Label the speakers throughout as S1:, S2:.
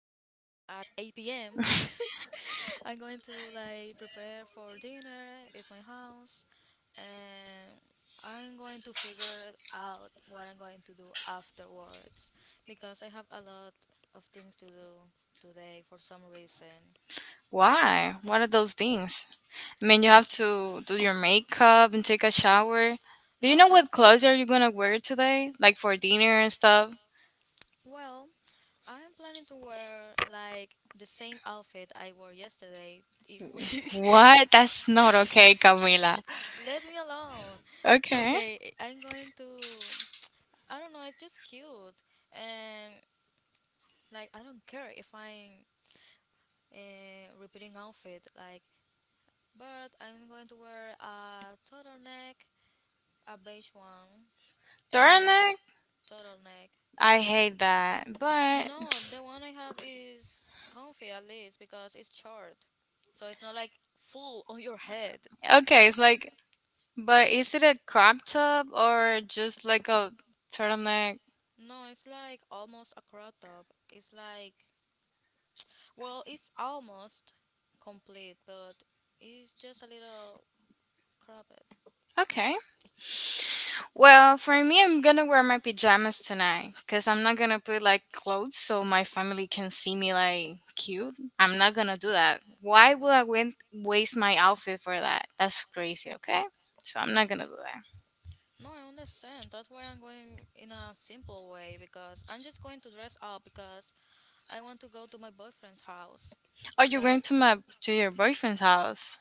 S1: at 8 p.m., I'm going to like prepare for dinner at my house. And I'm going to figure it out what I'm going to do afterwards because I have a lot of things to do today for some reason.
S2: Why? What are those things? I mean, you have to do your makeup and take a shower. Do you
S1: No,
S2: know what clothes are you gonna wear today? Like for dinner and stuff?
S1: well, I'm planning to wear like the same outfit I wore yesterday. It w-
S2: What? That's not okay,
S1: Shh,
S2: Camila.
S1: let me alone.
S2: Okay.
S1: Okay, I'm going to. I don't know. It's just cute, and like I don't care if I'm repeating outfit. Like but I'm going to wear a turtleneck, a beige one, and
S2: Turtleneck?
S1: turtleneck.
S2: I
S1: Yeah.
S2: hate that. But
S1: No, the one I have is comfy at least because it's short, so it's not like full on your head.
S2: okay, it's like, but is it a crop top or just like a turtleneck?
S1: No, it's like almost a crop top. It's like, well, it's almost complete, but it's just a little cropped.
S2: Okay. Well, for me, I'm gonna wear my pajamas tonight because I'm not gonna put like clothes so my family can see me like cute. I'm not gonna do that. Why would I waste my outfit for that? That's crazy. Okay, so I'm not gonna do that.
S1: No, I understand. That's why I'm going in a simple way because I'm just going to dress up because I want to go to my boyfriend's house.
S2: Oh, you're going
S1: That's
S2: to your boyfriend's house,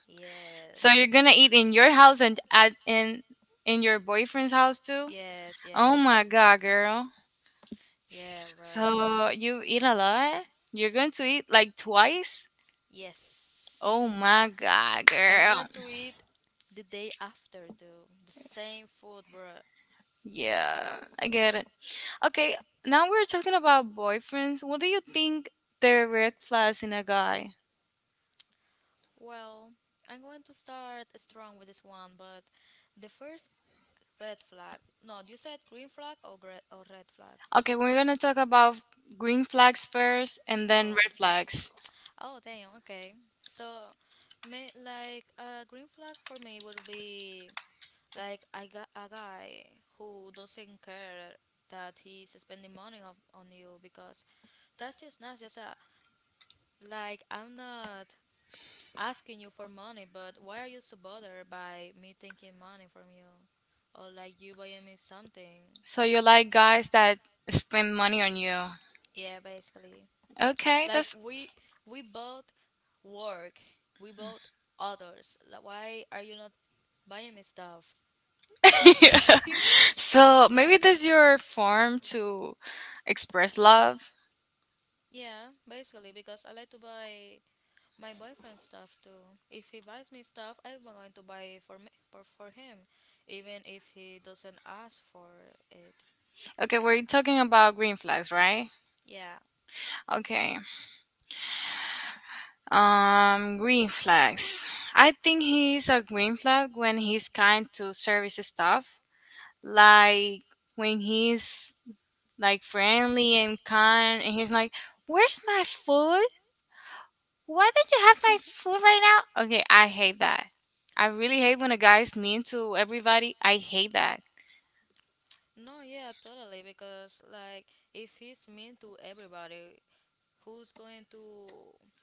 S2: so
S1: yes,
S2: you're gonna eat in your house and at in your boyfriend's house too.
S1: yes,
S2: Oh
S1: yes,
S2: my god, girl.
S1: yeah, bruh.
S2: So you eat a lot? You're going to eat like twice? Oh
S1: Yes,
S2: my god,
S1: and I'm
S2: girl.
S1: going to eat the day after too. The same food, bruh.
S2: Yeah, I get it. Okay, now we're talking about boyfriends. What do you think the red flags in a guy?
S1: Well, I'm going to start strong with this one, but the first red flag. No, you said green flag or red flag?
S2: Okay, we're gonna talk about green flags first and then
S1: Oh.
S2: red flags.
S1: Oh, damn. Okay. So, me like a green flag for me would be like I got a guy who doesn't care that he's spending money on you because that's just not just a like I'm not asking you for money, but why are you so bothered by me taking money from you or like you buying me something?
S2: So you like guys that spend money on you.
S1: Yeah, basically.
S2: Okay,
S1: Like
S2: that's
S1: we both work, we both others like, why are you not buying me stuff?
S2: so maybe that's your form to express love.
S1: Yeah, basically because I like to buy my boyfriend stuff too. If he buys me stuff, I'm going to buy for him even if he doesn't ask for it.
S2: Okay, we're talking about green flags, right?
S1: Yeah.
S2: Okay. Green flags. I think he's a green flag when he's kind to service staff. Like when he's like friendly and kind and he's like, "Where's my food? Why don't you have my food right now?" Okay, I hate that. I really hate when a guy is mean to everybody. I hate that.
S1: No, yeah, totally. Because, like, if he's mean to everybody, who's going to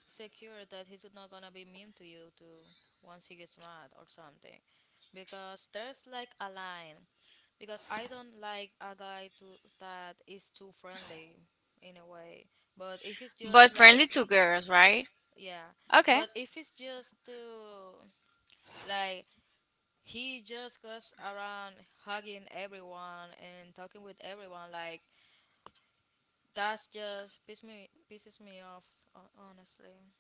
S1: secure that he's not gonna be mean to you too once he gets mad or something? Because there's like a line. Because I don't like a guy to that is too friendly in a way. But if it's
S2: But
S1: just like
S2: friendly to girls, right?
S1: yeah,
S2: Okay.
S1: but if it's just to like he just goes around hugging everyone and talking with everyone, like that's just pisses me off, honestly.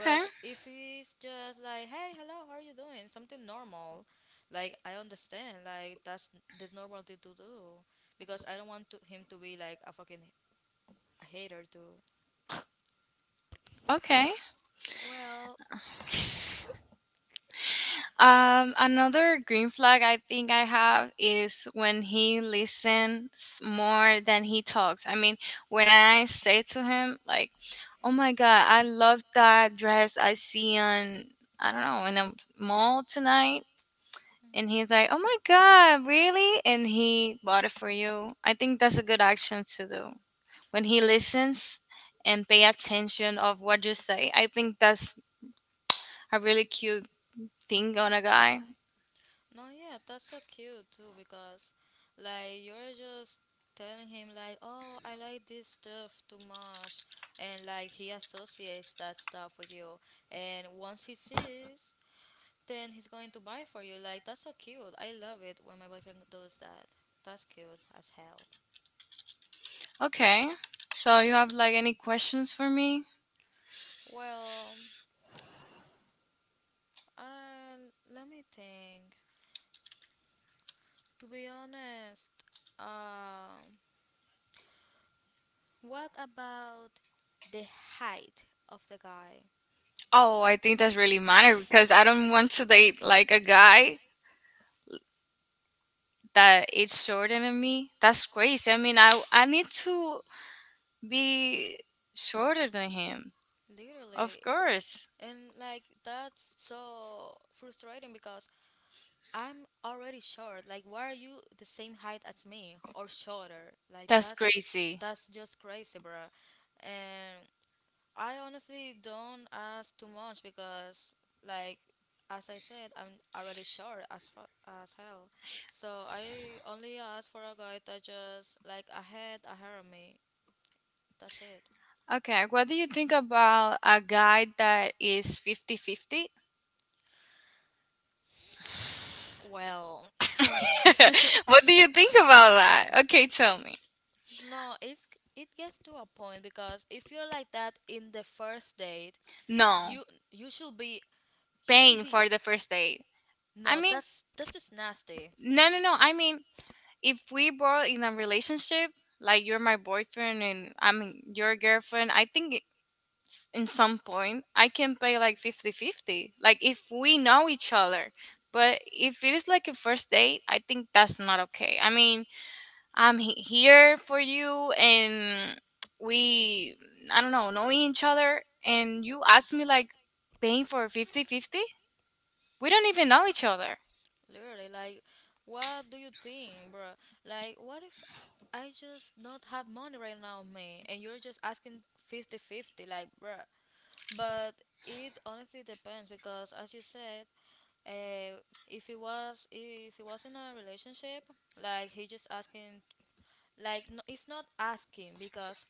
S1: But if it's just like, hey, hello, how are you doing? Something normal, like I understand, like that's the normal thing to do, because I don't want to, him to be like a fucking hater too.
S2: Okay.
S1: Well,
S2: Another green flag I think I have is when he listens more than he talks. I mean, when I say to him, like, "Oh my God, I love that dress I see on, I don't know, in a mall tonight." And he's like, "Oh my God, really?" And he bought it for you. I think that's a good action to do. When
S1: No,
S2: he listens and pay attention of what you say, I think that's a really cute thing on a guy.
S1: no, yeah, that's so cute too, because like you're just telling him like, oh, I like this stuff too much, and like he associates that stuff with you, and once he sees, then he's going to buy for you. Like, that's so cute. I love it when my boyfriend does that. That's cute as hell.
S2: Okay. So you have like any questions for me?
S1: Well, uh, let me think. To be honest, um, what about the height of the guy?
S2: Oh, I think that's really matter because I don't want to date like a guy that is shorter than me. That's crazy. I mean, I need to be shorter than him. Of
S1: Literally,
S2: course.
S1: and like that's so frustrating because I'm already short. Like, why are you the same height as me or shorter? Like,
S2: That's crazy.
S1: that's just crazy, bruh. And I honestly don't ask too much because, like, as I said, I'm already short as hell. So I only ask for a guy that just like ahead of me. That's it.
S2: Okay, what do you think about a guy that is 50 50?
S1: Well,
S2: What do you think about that? Okay, tell me.
S1: no, it's it gets to a point because if you're like that in the first date,
S2: No,
S1: you you should be you should
S2: paying
S1: be
S2: for the first date. I
S1: no.
S2: mean,
S1: That's just nasty.
S2: no, no, no. I mean, if we were in a relationship, like you're my boyfriend and I'm your girlfriend, I think it's, in some point I can pay like 50-50. Like if we know each other. But if it is like a first date, I think that's not okay. I mean, I'm here for you and we, I don't know each other. And you ask me like paying for 50-50. We don't even know each other.
S1: Literally, like, what do you think, bro? Like, what if I just not have money right now, man, and you're just asking fifty-fifty, like, bro. But it honestly depends because, as you said, uh, if it was in a relationship, like he just asking, like, no, it's not asking because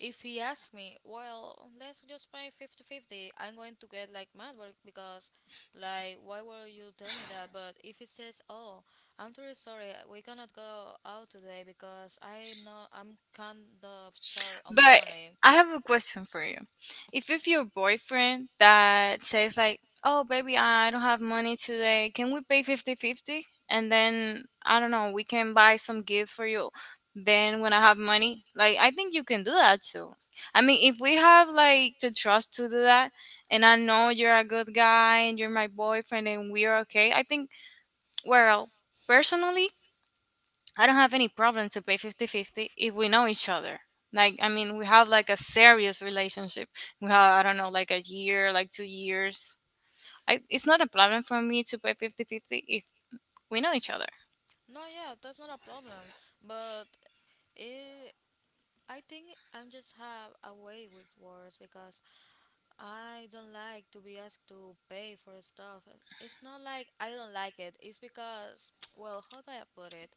S1: if he asks me, well, let's just buy 50-50. I'm going to get like mad work because like why were you tell me that? But if he says, "Oh, I'm truly sorry, we cannot go out today because I know I'm kind of short on
S2: But
S1: money."
S2: I have a question for you. If it's your boyfriend that says like, "Oh baby, I don't have money today. Can we pay 50-50? And then I don't know, we can buy some gifts for you. Then when I have money, like I think you can do that too." I mean, if we have like the trust to do that, and I know you're a good guy and you're my boyfriend and we're okay, I think, well, personally, I don't have any problem to pay 50 50 if we know each other. Like I mean, we have like a serious relationship. We have I don't know like a year, like 2 years. It's not a problem for me to pay 50 50 if we know each other.
S1: No, yeah, that's not a problem. But it, I think I'm just have a way with words because I don't like to be asked to pay for stuff. It's not like I don't like it. It's because well, how do I put it?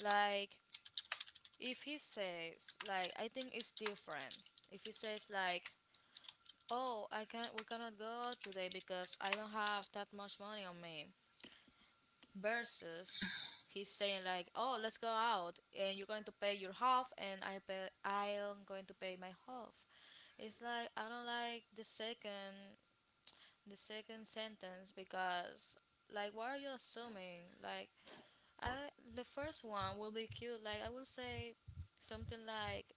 S1: Like if he says like I think it's different. If he says like, "Oh, I can't, we cannot go out today because I don't have that much money on me." Versus he's saying like, "Oh, let's go out and you're going to pay your half and I'm going to pay my half." It's like I don't like the second sentence because like what are you assuming, like I the first one will be cute. Like I will say something like,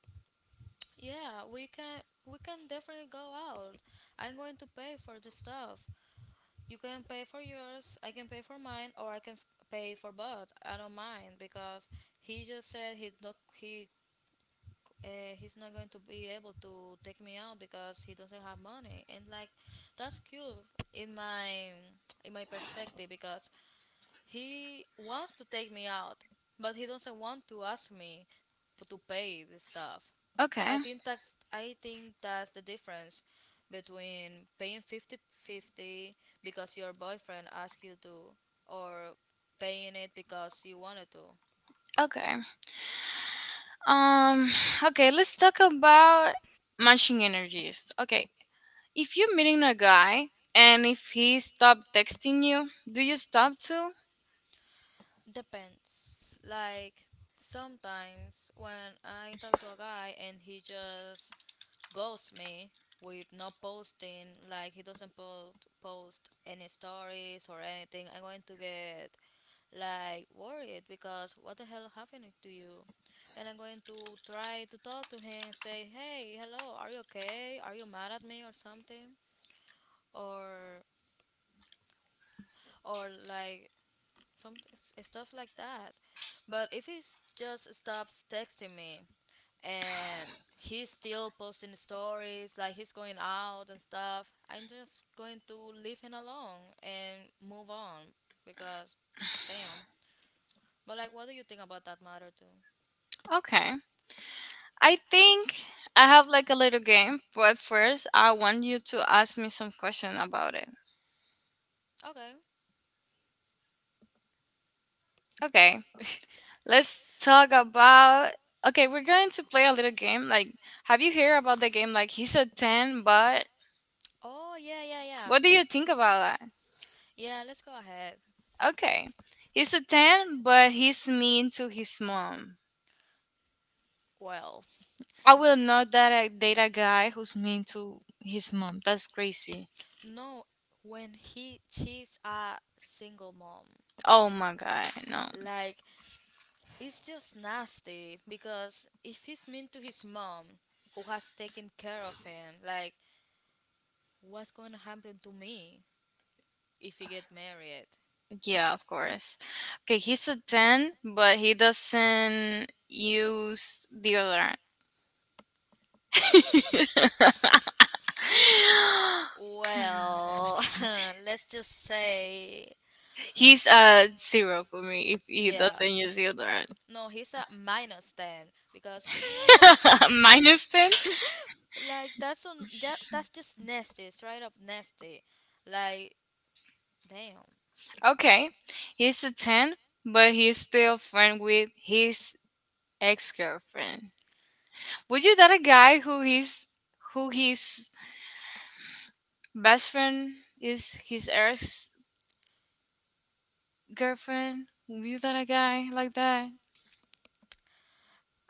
S1: yeah, we can definitely go out. I'm going to pay for the stuff. You can pay for yours, I can pay for mine, or I can pay for both. I don't mind because he just said he's not going to be able to take me out because he doesn't have money. And like that's cute in my in my perspective because he wants to take me out, but he doesn't want to ask me to pay the stuff.
S2: Okay.
S1: I think that's the difference between paying fifty fifty because your boyfriend asked you to or paying it because you wanted to.
S2: Okay. Um okay, let's talk about matching energies. Okay. If you're meeting a guy and if he stopped texting you, do you stop too?
S1: Depends. Like sometimes when I talk to a guy and he just ghost me with no posting, like he doesn't post any stories or anything, I'm going to get like worried because what the hell happened to you? And I'm going to try to talk to him and say, hey, hello, are you okay, are you mad at me or something? Or or like some stuff like that. But if he just stops texting me and he's still posting the stories, like he's going out and stuff, I'm just going to leave him alone and move on because damn. But like, what do you think about that matter too?
S2: Okay. I think I have like a little game, but first I want you to ask me some question about it.
S1: Okay.
S2: Okay, let's talk about. Okay, we're going to play a little game. Like, have you heard about the game? Like, he's a 10, but
S1: Oh, yeah, yeah.
S2: what do you think about that?
S1: Yeah, let's go ahead.
S2: Okay, he's a 10, but he's mean to his mom.
S1: Well,
S2: I will not that I date a guy who's mean to his mom. That's crazy.
S1: no, when he she's a single mom,
S2: Oh my god, no.
S1: like it's just nasty because if he's mean to his mom who has taken care of him, like what's going to happen to me if we get married?
S2: Yeah, of course. Okay, he's a 10, but he doesn't use deodorant.
S1: Well, let's just say,
S2: He's a zero for me if he
S1: yeah.
S2: doesn't use deodorant.
S1: No, he's a minus 10 because what?
S2: Minus 10?
S1: Like that's on that, that's just nasty, straight up nasty. Like, damn.
S2: Okay. He's a 10, but he's still friend with his ex-girlfriend. Would you date a guy who his best friend is his ex-girlfriend? Would you date a guy like that?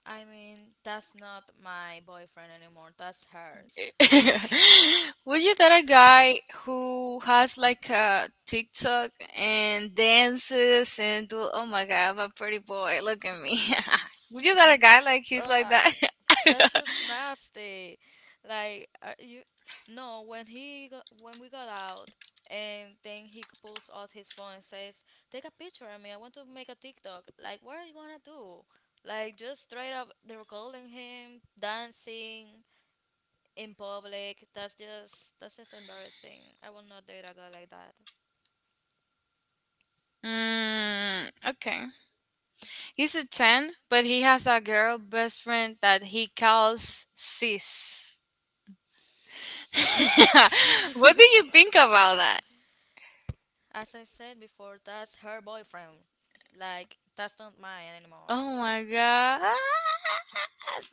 S1: I mean, that's not my boyfriend anymore. That's hers.
S2: Would you date a guy who has like a TikTok and dances and do? Oh my God, I'm a pretty boy. Look at me. Would you date a
S1: N-
S2: guy like he's like
S1: Ugh,
S2: that?
S1: that's just nasty. Like are you, no. When we got out, and then he pulls out his phone and says, "Take a picture of me. I want to make a TikTok." Like, what are you gonna do? Like, just straight up, they're calling him dancing in public. That's just embarrassing. I will not date a guy like that.
S2: Mm, okay. He's a 10, but he has a girl best friend that he calls sis. What do you think about that?
S1: As I said before, that's her boyfriend. Like, that's not mine anymore.
S2: Oh my god.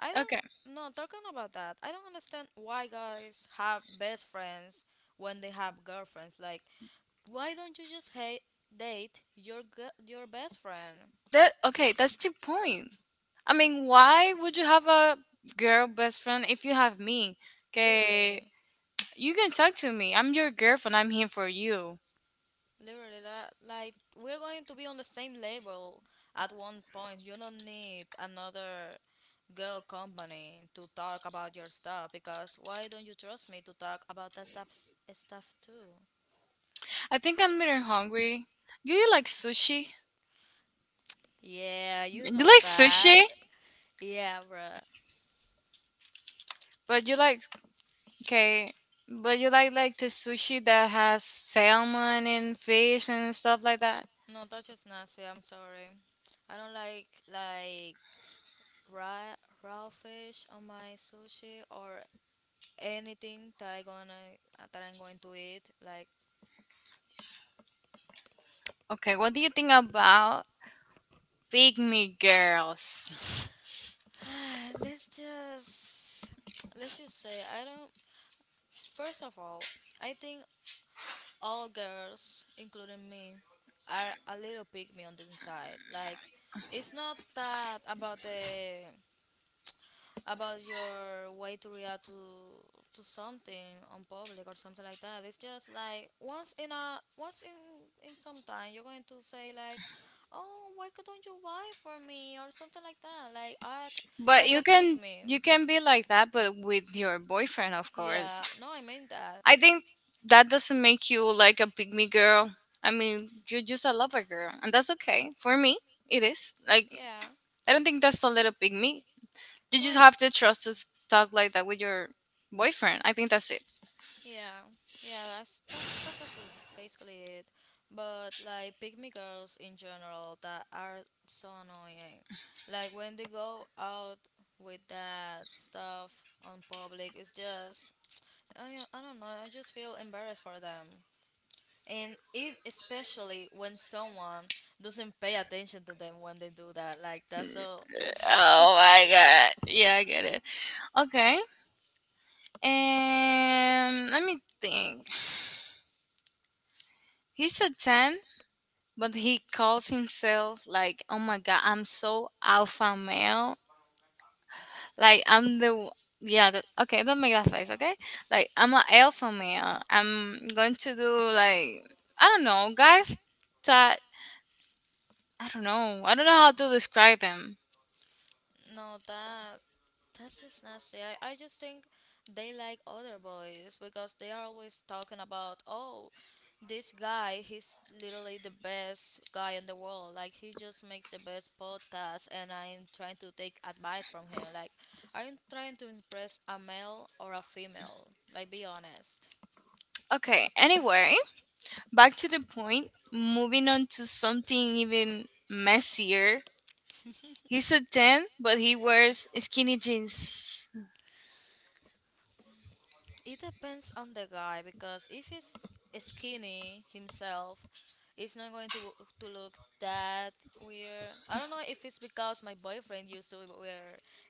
S1: I don't no talking about that. I don't understand why guys have best friends when they have girlfriends. Like, why don't you just date your your best friend?
S2: That. Okay, that's the point. I mean, why would you have a girl best friend if you have me? Okay,
S1: Literally,
S2: you can talk to me. I'm your girlfriend. I'm here for you.
S1: literally, like we're going to be on the same level at one point. You don't need another girl company to talk about your stuff because why don't you trust me to talk about that stuff too?
S2: I think I'm getting hungry. Do you like sushi?
S1: Yeah, you
S2: You
S1: know
S2: like sushi?
S1: that. Yeah, bruh.
S2: But you like, okay, but you like the sushi that has salmon and fish and stuff like that.
S1: No, that is just nasty. I'm sorry. I don't like raw raw fish on my sushi or anything that I gonna that I'm going to eat. Like,
S2: Okay, what do you think about pygmy girls?
S1: let's just let's just say I don't. First of all, I think all girls, including me, are a little pygmy on the inside. Like, it's not that about the about your way to react to something on public or something like that. It's just like once in some time you're going to say like, oh, why could don't you buy for me or something like that. Like
S2: But
S1: like
S2: you
S1: a pick
S2: can
S1: me.
S2: you can be like that, but with your boyfriend, of course.
S1: Yeah. No, I mean that.
S2: I think that doesn't make you like a pygmy girl. I mean, you're just a lover girl, and that's okay. For me, it is. Like,
S1: Yeah.
S2: I don't think that's a little pygmy. You
S1: No,
S2: just
S1: it.
S2: have to trust to talk like that with your boyfriend. I think that's it.
S1: Yeah, yeah, that's basically it. But like pygmy girls in general that are so annoying. Like when they go out with that stuff on public, it's just I don't know. I just feel embarrassed for them. And if especially when someone doesn't pay attention to them when they do that, like that's so.
S2: Oh my god. Yeah, I get it. Okay. And let me think. He's a 10, but he calls himself like, "Oh my god, I'm so alpha male. Like I'm the yeah." That, okay, don't make that face. Okay, like I'm an alpha male. I'm going to do like, I don't know, guys. That I don't know. I don't know how to describe them.
S1: No, that's just nasty. I just think they like other boys because they are always talking about, oh, this guy, he's literally the best guy in the world. Like, he just makes the best podcast, and I'm trying to take advice from him. Like, are you trying to impress a male or a female? Like, be honest.
S2: Okay. Anyway, back to the point. Moving on to something even messier. He's a ten, but he wears skinny jeans.
S1: It depends on the guy because if he's skinny himself, it's not going to look that weird. I don't know if it's because my boyfriend used to wear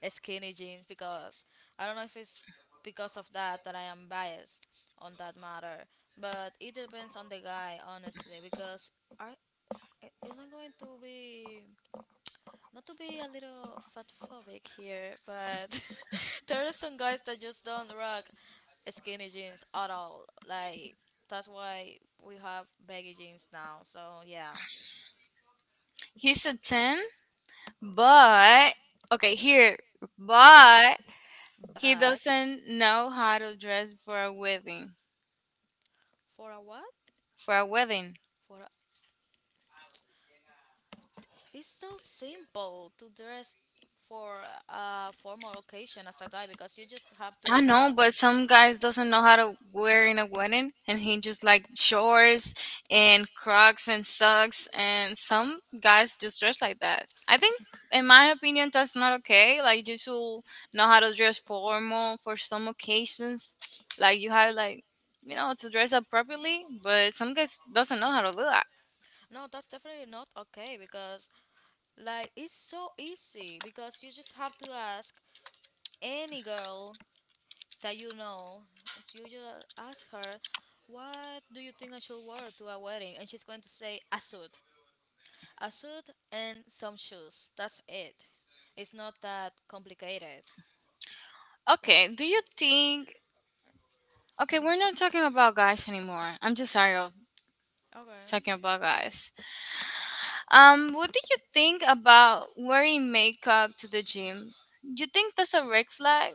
S1: skinny jeans because I don't know if it's because of that that I am biased on that matter. But it depends on the guy honestly because I it's not going to be not to be a little fatphobic here, but there are some guys that just don't rock skinny jeans at all. Like that's why we have baggy jeans now. So yeah,
S2: He's a ten, but okay here, but he
S1: but
S2: doesn't know how to dress for a wedding.
S1: for a what?
S2: For a wedding.
S1: For a, it's so simple to dress for a formal occasion as a guy because you just have
S2: I
S1: to have
S2: know, but some guys doesn't know how to wear in a wedding, and he just like shorts and Crocs and socks, and some guys just dress like that. I think, in my opinion, that's not okay. Like you should know how to dress formal for some occasions. Like you have like you know to dress up properly, but some guys doesn't know how to do that.
S1: no, that's definitely not okay because like it's so easy because you just have to ask any girl that you know, so you just ask her, what do you think I should wear to a wedding? And she's going to say, a suit. A suit and some shoes. That's it. It's not that complicated.
S2: Okay, do you think? Okay, we're not talking about guys anymore. I'm just sorry of
S1: Okay.
S2: talking about guys. What do you think about wearing makeup to the gym? Do you think that's a red flag?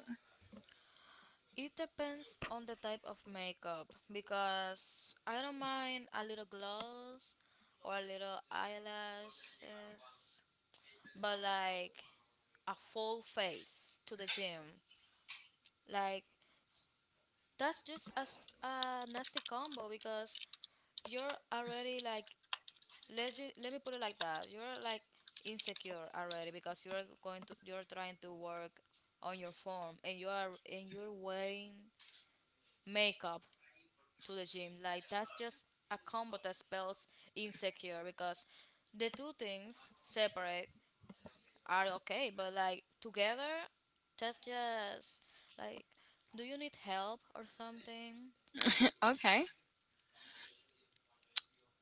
S1: It depends on the type of makeup because I don't mind a little gloss or a little eyelashes, but like a full face to the gym. Like that's just a, a nasty combo because you're already like let me put it like that. You're like insecure already because you're trying to work on your form and you are and you're wearing makeup to the gym. Like that's just a combo that spells insecure because the two things separate are okay, but like together that's just like do you need help or something?
S2: Okay.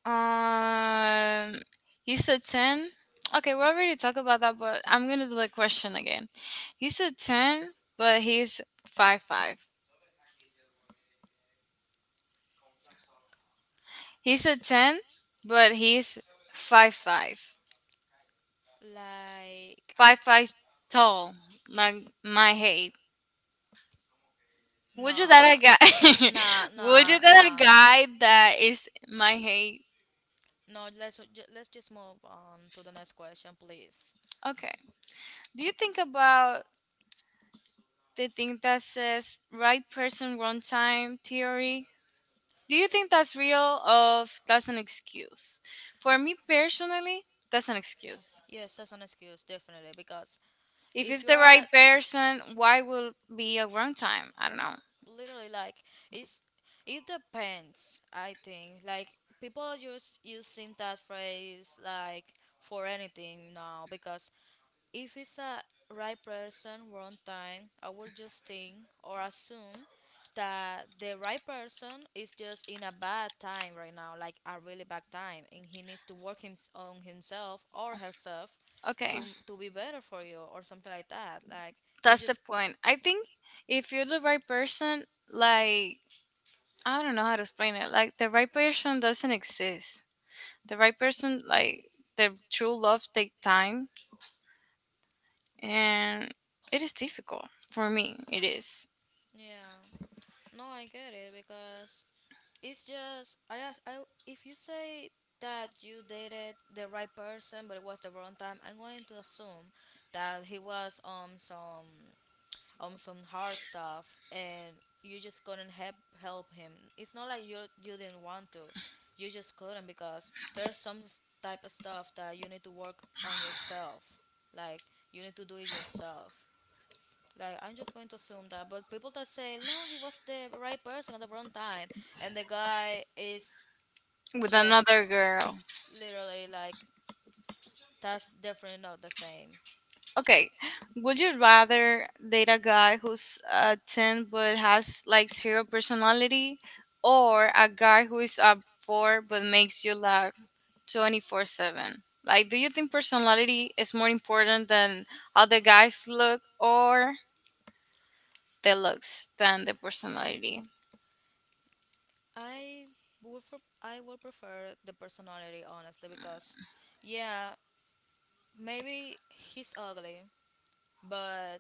S2: Um, he's a 10. Okay, we already talked about that, but I'm gonna do the question again. He's a 10, but he's five five. He's a 10, but he's five five.
S1: Like
S2: Five five tall, like my height. Would you that
S1: nah,
S2: a guy?
S1: nah,
S2: Would you
S1: nah,
S2: that a
S1: nah.
S2: guy that is my height?
S1: No, let's just move on to the next question, please.
S2: Okay. Do you think about the thing that says right person, wrong time theory? Do you think that's real or that's an excuse? For me personally, that's an excuse.
S1: Yes, that's an excuse, definitely, because
S2: If
S1: if
S2: it's
S1: you
S2: the
S1: are
S2: right person, why will be a wrong time? I don't know.
S1: literally like it's it depends, I think. Like people are just using that phrase like for anything now because if it's a right person, wrong time, I will just think or assume that the right person is just in a bad time right now, like a really bad time, and he needs to work on himself or herself
S2: Okay,
S1: to be better for you or something like that. Like you
S2: that's the
S1: just,
S2: point. I think if you're the right person, like I don't know how to explain it. Like the right person doesn't exist. The right person, like the true love, take time, and it is difficult for me. It is
S1: yeah. No, I get it because it's just I ask I if you say that you dated the right person but it was the wrong time, I'm going to assume that he was on some hard stuff and you just couldn't help help him. It's not like you didn't want to. You just couldn't because there's some type of stuff that you need to work on yourself. Like you need to do it yourself. Like I'm just going to assume that, but people that say no, he was the right person at the wrong time, and the guy is
S2: with
S1: just
S2: another girl.
S1: literally like that's definitely not the same.
S2: Okay, would you rather date a guy who's a 10 but has like zero personality, or a guy who is up 4 but makes you laugh 24/7? Like, do you think personality is more important than how the guys look, or the looks than the personality?
S1: I I would prefer the personality honestly because yeah, maybe he's ugly, but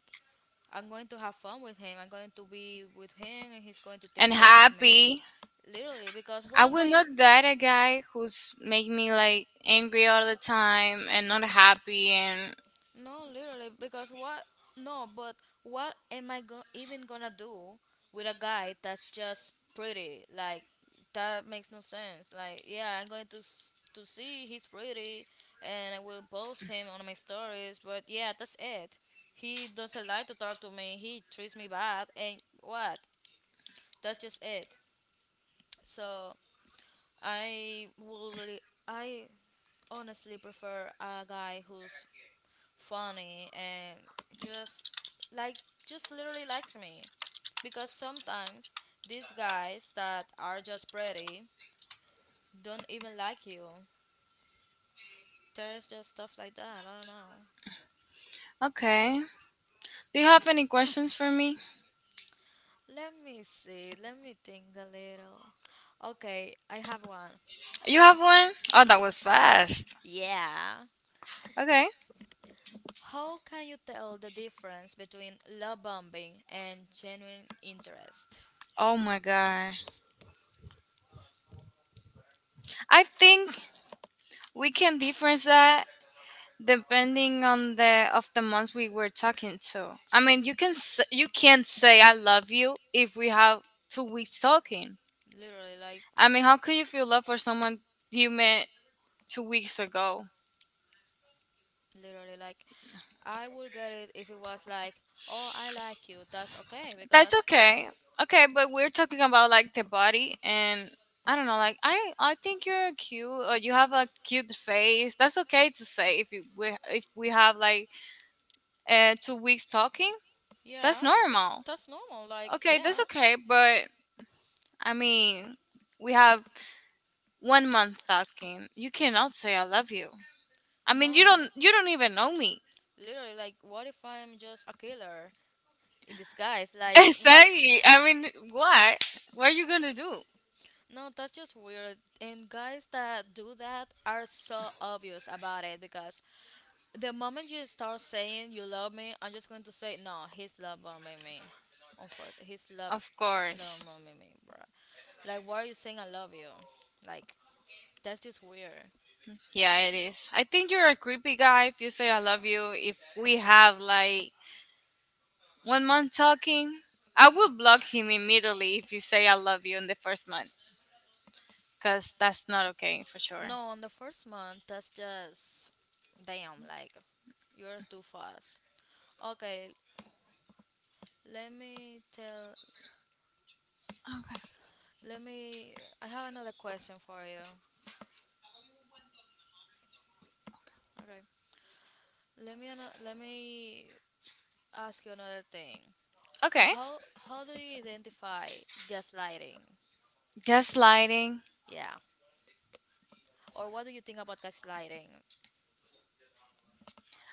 S1: I'm going to have fun with him. I'm going to be with him and he's going to take
S2: And
S1: care of me.
S2: happy.
S1: Literally because what
S2: I
S1: I'm
S2: will
S1: going
S2: not date a guy who's make me like angry all the time and not happy, and
S1: no, literally, because what? No, but what am even gonna do with a guy that's just pretty? Like that makes no sense. Like, yeah, I'm going to see he's pretty, and I will post him on my stories. But yeah, that's it. He doesn't like to talk to me. He treats me bad, and what? That's just it. So I would, re- I honestly prefer a guy who's funny and just like just literally likes me because sometimes these guys that are just pretty don't even like you. There's just stuff like that, I don't know.
S2: okay. Do you have any questions for me?
S1: Let me see, let me think a little. Okay, I have one.
S2: You have one? Oh, that was fast.
S1: Yeah.
S2: Okay.
S1: How can you tell the difference between love bombing and genuine interest?
S2: Oh my god. I think we can difference that depending on the of the months we were talking to. I mean, you can't say I love you if we have 2 weeks talking.
S1: Literally, like
S2: I mean, how could you feel love for someone you met 2 weeks ago?
S1: literally, like I would get it if it was like, oh, I like you. That's okay
S2: That's
S1: because,
S2: okay. Okay, but we're talking about like the body and I don't know, like I think you're cute or you have a cute face. That's okay to say if we have like 2 weeks talking. That's
S1: yeah,
S2: normal.
S1: that's normal. Like,
S2: Okay, that's
S1: yeah,
S2: okay, but I mean, we have 1 month talking. You cannot say I love you. I
S1: no,
S2: mean, you don't you don't even know me.
S1: literally, like, what if I'm just a killer in disguise? Like, what?
S2: Exactly. I mean, what? What are you going to do?
S1: No, that's just weird. And guys that do that are so obvious about it because the moment you start saying you love me, I'm just going to say, no, he's love bombing me. Unfortunately, he's love,
S2: Of
S1: love
S2: course.
S1: bombing me, bro. Like, why are you saying I love you? Like, that's just weird.
S2: Yeah, it is. I think you're a creepy guy if you say I love you if we have like 1 month talking. I would block him immediately if you say I love you in the first month, because that's not okay for sure.
S1: No, on the first month, that's just damn. Like you're too fast. Okay, let me tell.
S2: Okay.
S1: Let me. I have another question for you. Okay, let me ask you another thing.
S2: Okay.
S1: How how do you identify gaslighting?
S2: Gaslighting.
S1: Yeah, or what do you think about gaslighting?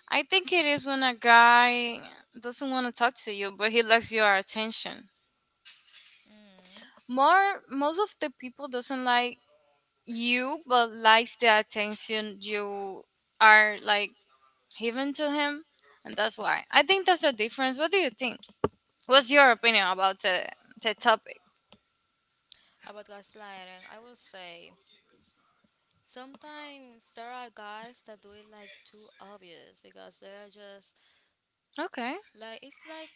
S2: I think it is when a guy doesn't want to talk to you, but he likes your attention.
S1: Mm,
S2: Most of the people doesn't like you, but likes the attention you are like. Even to him, and that's why. I think that's the difference. What do you think? What's your opinion about the topic?
S1: about gaslighting, I will say sometimes there are guys that do it like too obvious because they're just
S2: Okay,
S1: like it's like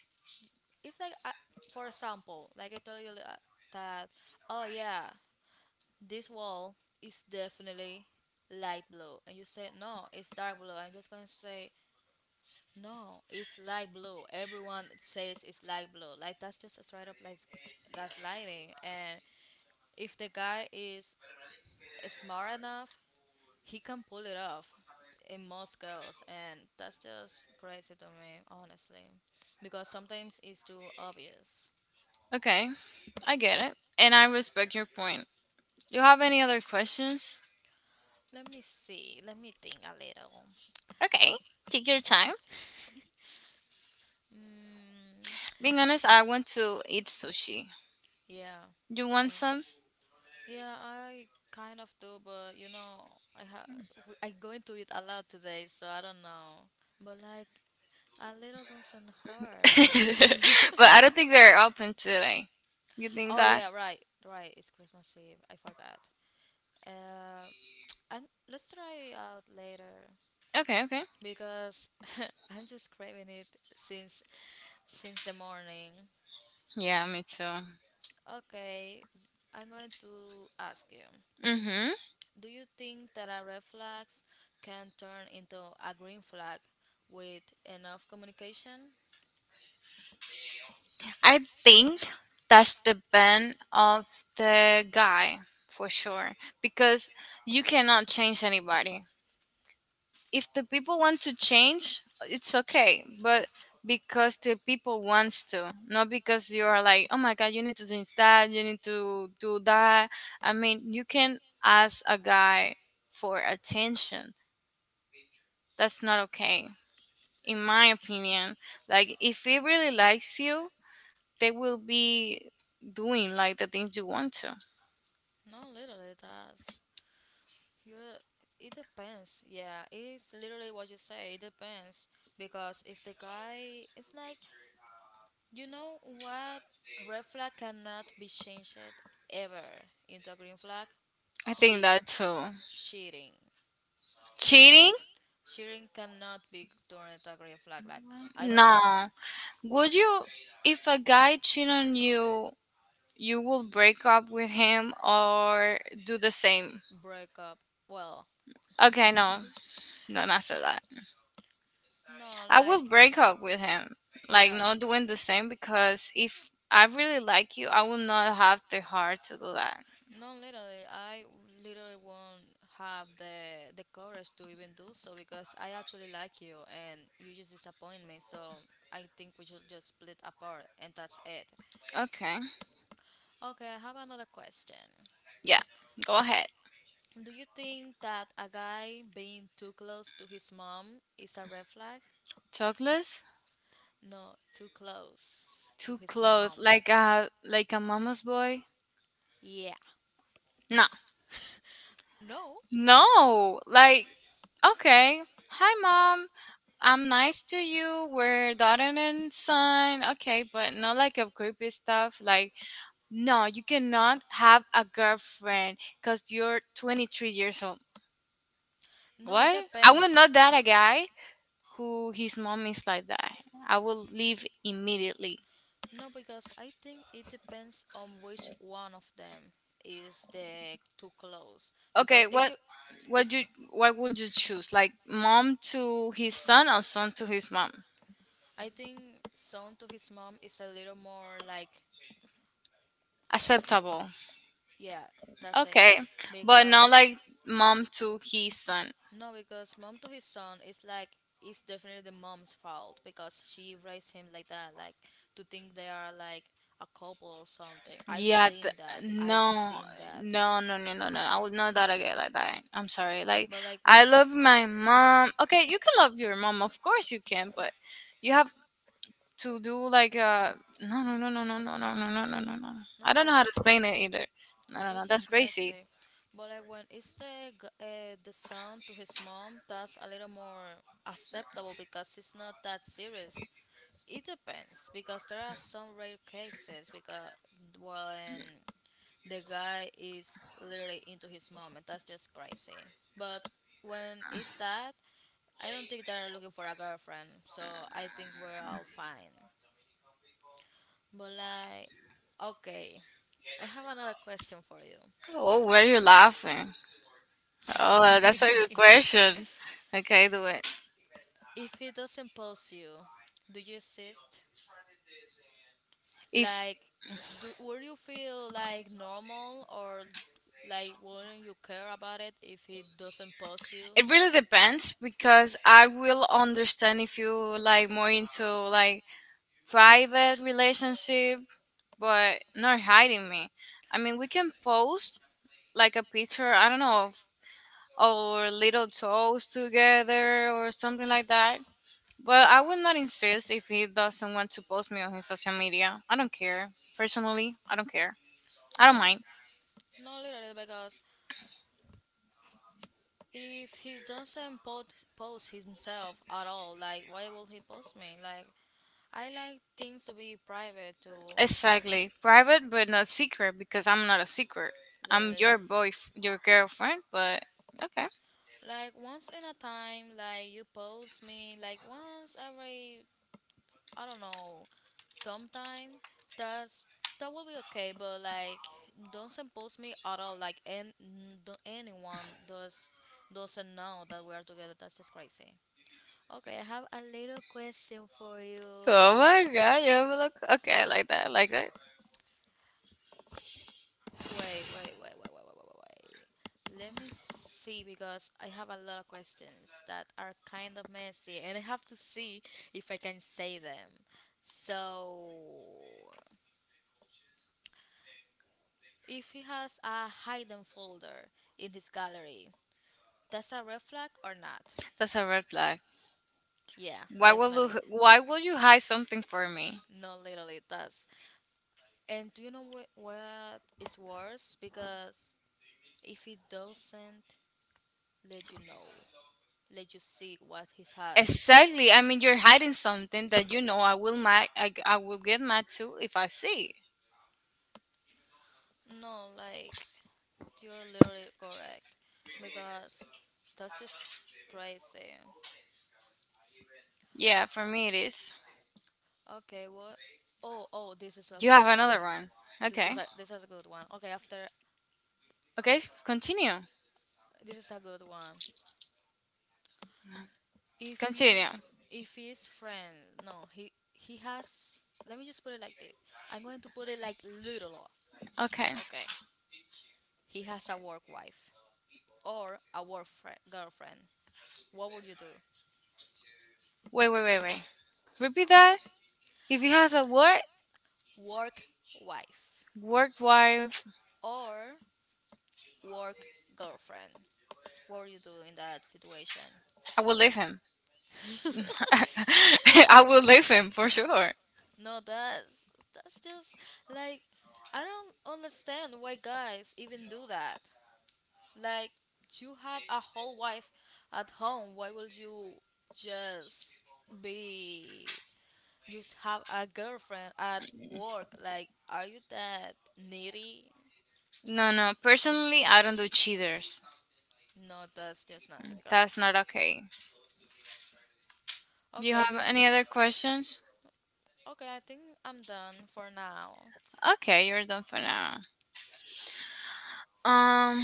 S1: it's like for example, like I told you that oh yeah, this wall is definitely light blue and you say no it's dark blue, I'm just going to say no it's light blue, everyone says it's light blue, like that's just a straight up like that's lighting. And if the guy is smart enough he can pull it off in most girls, and that's just crazy to me honestly because sometimes it's too obvious.
S2: okay, I get it, and I respect your point. You have any other questions?
S1: Let me see. Let me think a little.
S2: Okay, take your time.
S1: Mm,
S2: Being honest, I want to eat sushi.
S1: yeah.
S2: You
S1: I,
S2: want some?
S1: yeah, I kind of do, but you know, I ha I go into it a lot today, so I don't know. But like a little doesn't hurt.
S2: But I don't think they're open today. You think
S1: Oh
S2: that?
S1: yeah, right, right. It's Christmas Eve. I forgot. Uh, and let's try it out later
S2: Okay, okay.
S1: because I'm just craving it since since the morning.
S2: Yeah, me too.
S1: I'm going to ask you,
S2: Mm-hmm.
S1: do you think that a red flag can turn into a green flag with enough communication?
S2: I think that's the bend of the guy for sure, because you cannot change anybody. If the people want to change, it's okay, but because the people wants to, not because you are like, oh my god, you need to change that, you need to do that. I mean, you can ask a guy for attention. That's not okay, in my opinion. Like, if he really likes you, they will be doing like the things you want to.
S1: No, literally, it does. You're, it depends. Yeah, it's literally what you say. It depends. Because if the guy, it's like, you know what? Red flag cannot be changed ever into a green flag?
S2: I think
S1: She,
S2: that too.
S1: cheating. She,
S2: Cheating?
S1: cheating cannot be torn during a agree flag. Like I don't trust.
S2: No. Would you, if a guy cheat on you, you will break up with him or do the same?
S1: Breakup. Well,
S2: Okay, no, no, not so that.
S1: no,
S2: I
S1: like
S2: will break up with him, like
S1: yeah,
S2: not doing the same, because if I really like you, I will not have the heart to do that.
S1: no. Literally, I literally won't have the courage to even do so because I actually like you and you just disappoint me. So I think we should just split apart and that's it.
S2: Okay,
S1: Okay, I have another question.
S2: yeah, go ahead.
S1: Do you think that a guy being too close to his mom is a red flag?
S2: Chocolates?
S1: No, too close to
S2: Too
S1: his
S2: close,
S1: mom.
S2: like a mama's boy?
S1: Yeah.
S2: No.
S1: No,
S2: No, like, okay. Hi, mom. I'm nice to you. We're daughter and son. Okay, but not like a creepy stuff. Like, no, you cannot have a girlfriend because you're 23 years old.
S1: no, it
S2: What? I
S1: depends.
S2: will not date a guy who his mom is like that. I will leave immediately.
S1: No, because I think it depends on which one of them is the too close.
S2: Okay,
S1: Because if
S2: what?
S1: it,
S2: What
S1: if
S2: you? What would you choose? Like, mom to his son or son to his mom?
S1: I think son to his mom is a little more like, uh,
S2: Acceptable.
S1: yeah, that's it.
S2: Okay, but
S1: Because
S2: not like mom to his son.
S1: no, because mom to his son is like it's definitely the mom's fault because she raised him like that, like to think they are like a couple or something. I've
S2: Yeah,
S1: seen
S2: th-
S1: that. I've
S2: no,
S1: seen that.
S2: no, no, no, no, no. I would not that again like that. I'm sorry. Like
S1: But like when
S2: I love my mom. Okay, you can love your mom, of course you can, but you have to do like no, no, no, no, no, no, no, no, no, no, no, no. I
S1: no,
S2: don't know
S1: that's
S2: how to
S1: just
S2: explain it either. No, no, no.
S1: that's
S2: That's
S1: just
S2: crazy.
S1: nasty. But like when it's the son to his mom, that's a little more acceptable because it's not that serious. It depends because there are some rare cases because well, and the guy is literally into his mom, and that's just crazy. But when it's that, I don't think they're looking for a girlfriend, so I think we're all fine. But like, okay, I have another question for
S2: Oh, where you laughing? Oh,
S1: you.
S2: that's a good question. Okay, do it.
S1: If he doesn't post you, do you insist?
S2: If
S1: Like, do will you feel like normal or like wouldn't you care about it if he doesn't post you?
S2: it really depends because I will understand if you like more into like private relationship, but not hiding me. I mean, we can post like a picture. I don't know, of our little toes together or something like that. But I will not insist if he doesn't want to post me on his social media. I don't care. Personally, I don't care. I don't
S1: No,
S2: mind.
S1: not literally because if he doesn't post himself at all, like why will he post me? Like I like things to be private too,
S2: Exactly. Private but not secret, because I'm not a secret. I'm
S1: literally.
S2: your boy, your girlfriend, but okay.
S1: Like once in a time, like you post me like once every I don't know, sometime that's that will be okay, but like don't impose me at all. Like and anyone does doesn't know that we are together. That's just crazy. Okay, I have a little question for
S2: Oh
S1: you.
S2: my god, you have a look, okay, I like that, I like that.
S1: Wait, wait, wait, wait, wait, wait, wait, wait, wait. Let me see because I have a lot of questions that are kind of messy and I have to see if I can say them. So, if he has a hidden folder in his gallery, that's a red flag or not?
S2: That's a red flag.
S1: Yeah,
S2: Why will
S1: definitely.
S2: you why will you hide something for me?
S1: No, literally, it does. And do you know what is worse? Because if he doesn't let you know, let you see what he has,
S2: Exactly. I mean, you're hiding something that you know I will get mad too if I see.
S1: no, like, you're literally correct. Because that's just crazy.
S2: Yeah, for me it is.
S1: Okay, what? Oh, oh, this is a
S2: You
S1: good
S2: have
S1: one.
S2: another one. Okay.
S1: This is a good one. Okay, after
S2: Okay, continue.
S1: this is a good one. If you
S2: Continue.
S1: if his friend no he he has let me just put it like this I'm going to put it like little
S2: Okay.
S1: okay, he has a work wife or a work fri girlfriend. What would you do?
S2: Wait, wait, wait, wait. Repeat that. If he has a what?
S1: Work wife
S2: Work wife,
S1: or work girlfriend, what would you do in that situation?
S2: I will leave him. I will leave him for sure.
S1: No, that's just like I don't understand why guys even do that. Like, you have a whole wife at home. Why will you just be just have a girlfriend at work? Like, are you that needy?
S2: No, no. Personally, I don't do cheaters.
S1: No, that's just not Silica.
S2: That's not okay. Do you
S1: Okay,
S2: have
S1: the,
S2: any other questions?
S1: okay, I think I'm done for now.
S2: Okay, you're done for now. Um,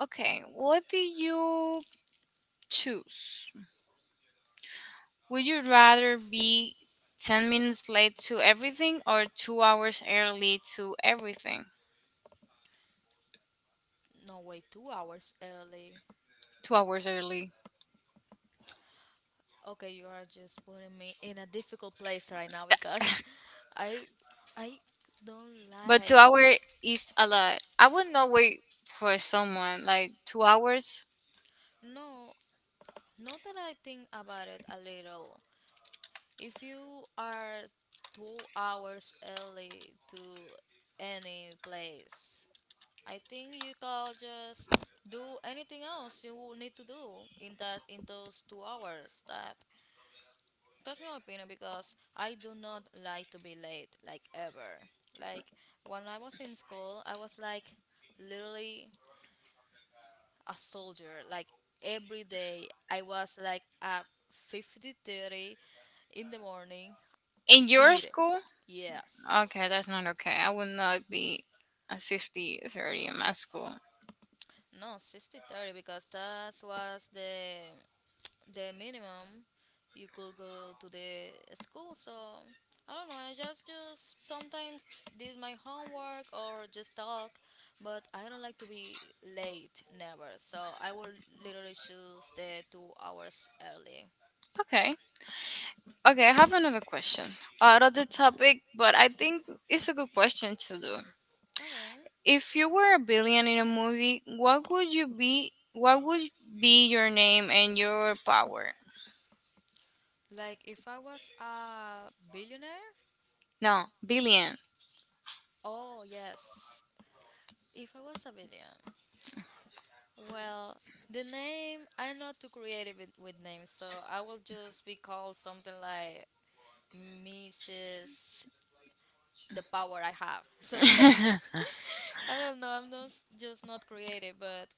S2: okay. What do you choose? Would you rather be 10 minutes late to everything or 2 hours early to everything?
S1: No, wait, 2 hours early.
S2: 2 hours early.
S1: Okay, you are just putting me in a difficult place right now because I, I don't
S2: But 2
S1: like.
S2: hours is a lot. I would not wait for someone like 2 hours.
S1: No, not that I think about it a little. If you are 2 hours early to any place, I think you can just do anything else you need to do in that in those 2 hours. That's my opinion because I do not like to be late, like ever. Like, when I was in school, I was like literally a soldier. Like every day, I was like at fifty thirty in the morning.
S2: In your
S1: See it,
S2: school?
S1: yes.
S2: Okay, that's not okay. I would not be a 50 30 in my school.
S1: No, sixty thirty, because that was the minimum you could go to the school. So I don't know. I just sometimes did my homework or just talk, but I don't like to be late never. So I will literally choose the 2 hours early.
S2: Okay. Okay, I have another question. Out of the topic, but I think it's a good question to do.
S1: Okay.
S2: If you were a billion in a movie, what would you be? What would be your name and your power?
S1: Like, if I was a billionaire.
S2: No, billion.
S1: Oh yes. If I was a billionaire, well, the name, I'm not too creative with, names, so I will just be called something like Mrs. The Power I Have. Something like that. I don't know, I'm not, just not creative, but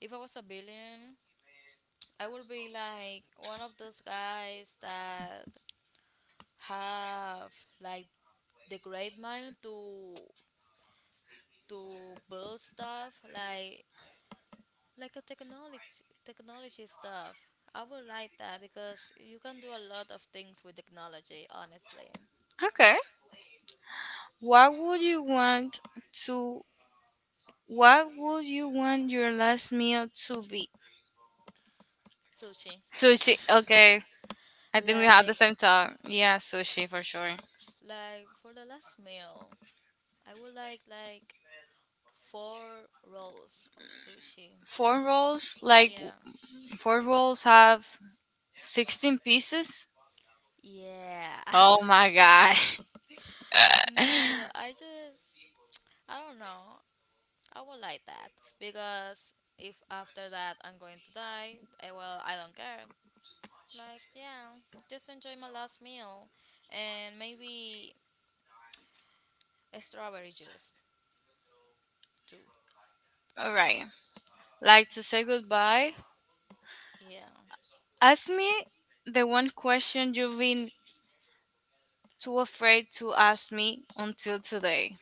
S1: if I was a billion, I would be like one of those guys that have like the great mind to build stuff like a technology stuff. I would like that because you can do a lot of things with technology, honestly.
S2: Okay. What would you want to— what would you want your last meal to be?
S1: Sushi.
S2: Sushi. Okay. I think we have the
S1: Like
S2: same thought. Yeah, sushi for sure.
S1: like for the last meal, I would like 4 rolls of sushi.
S2: Four rolls, like
S1: Yeah.
S2: four rolls have 16 pieces.
S1: Yeah.
S2: Oh my god.
S1: No, I don't know. I would like that because if after that I'm going to die, eh, well, I don't care. Like, yeah, just enjoy my last meal and maybe a strawberry juice too.
S2: All right. Like to say goodbye.
S1: Yeah.
S2: Ask me the one question you've been too afraid to ask me until today.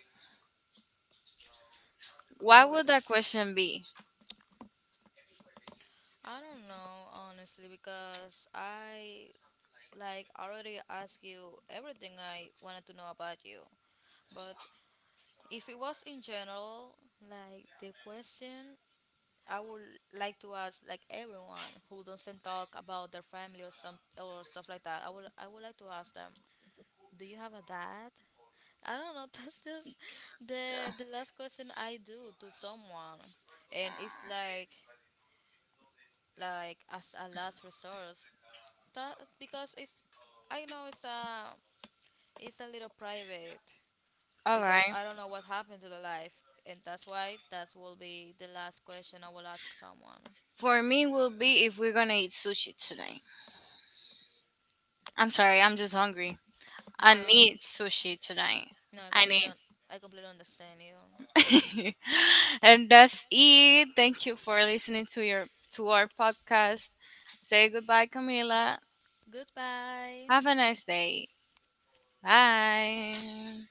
S2: What
S1: What?
S2: would that question be?
S1: I don't know, honestly, because I like already asked you everything I wanted to know about you. But if it was in general, like the question I would like to ask, like, everyone who doesn't talk about their family or some or stuff like that. I would like to ask them, do you have a dad? I don't know. That's just the last question I do to someone, and it's like as a last resource. That because it's I know it's a little private
S2: All
S1: because
S2: right.
S1: I don't know what happened to the life, and that's why that will be the last question I will ask someone.
S2: For me will be if we're gonna eat sushi tonight. I'm sorry, I'm just hungry.
S1: No,
S2: I
S1: I under,
S2: need sushi tonight.
S1: no, I
S2: I
S1: completely
S2: need.
S1: un- I completely understand you.
S2: And that's it. Thank you for listening to your— to our podcast. Say goodbye, Camila.
S1: Goodbye.
S2: Have a nice day. Bye.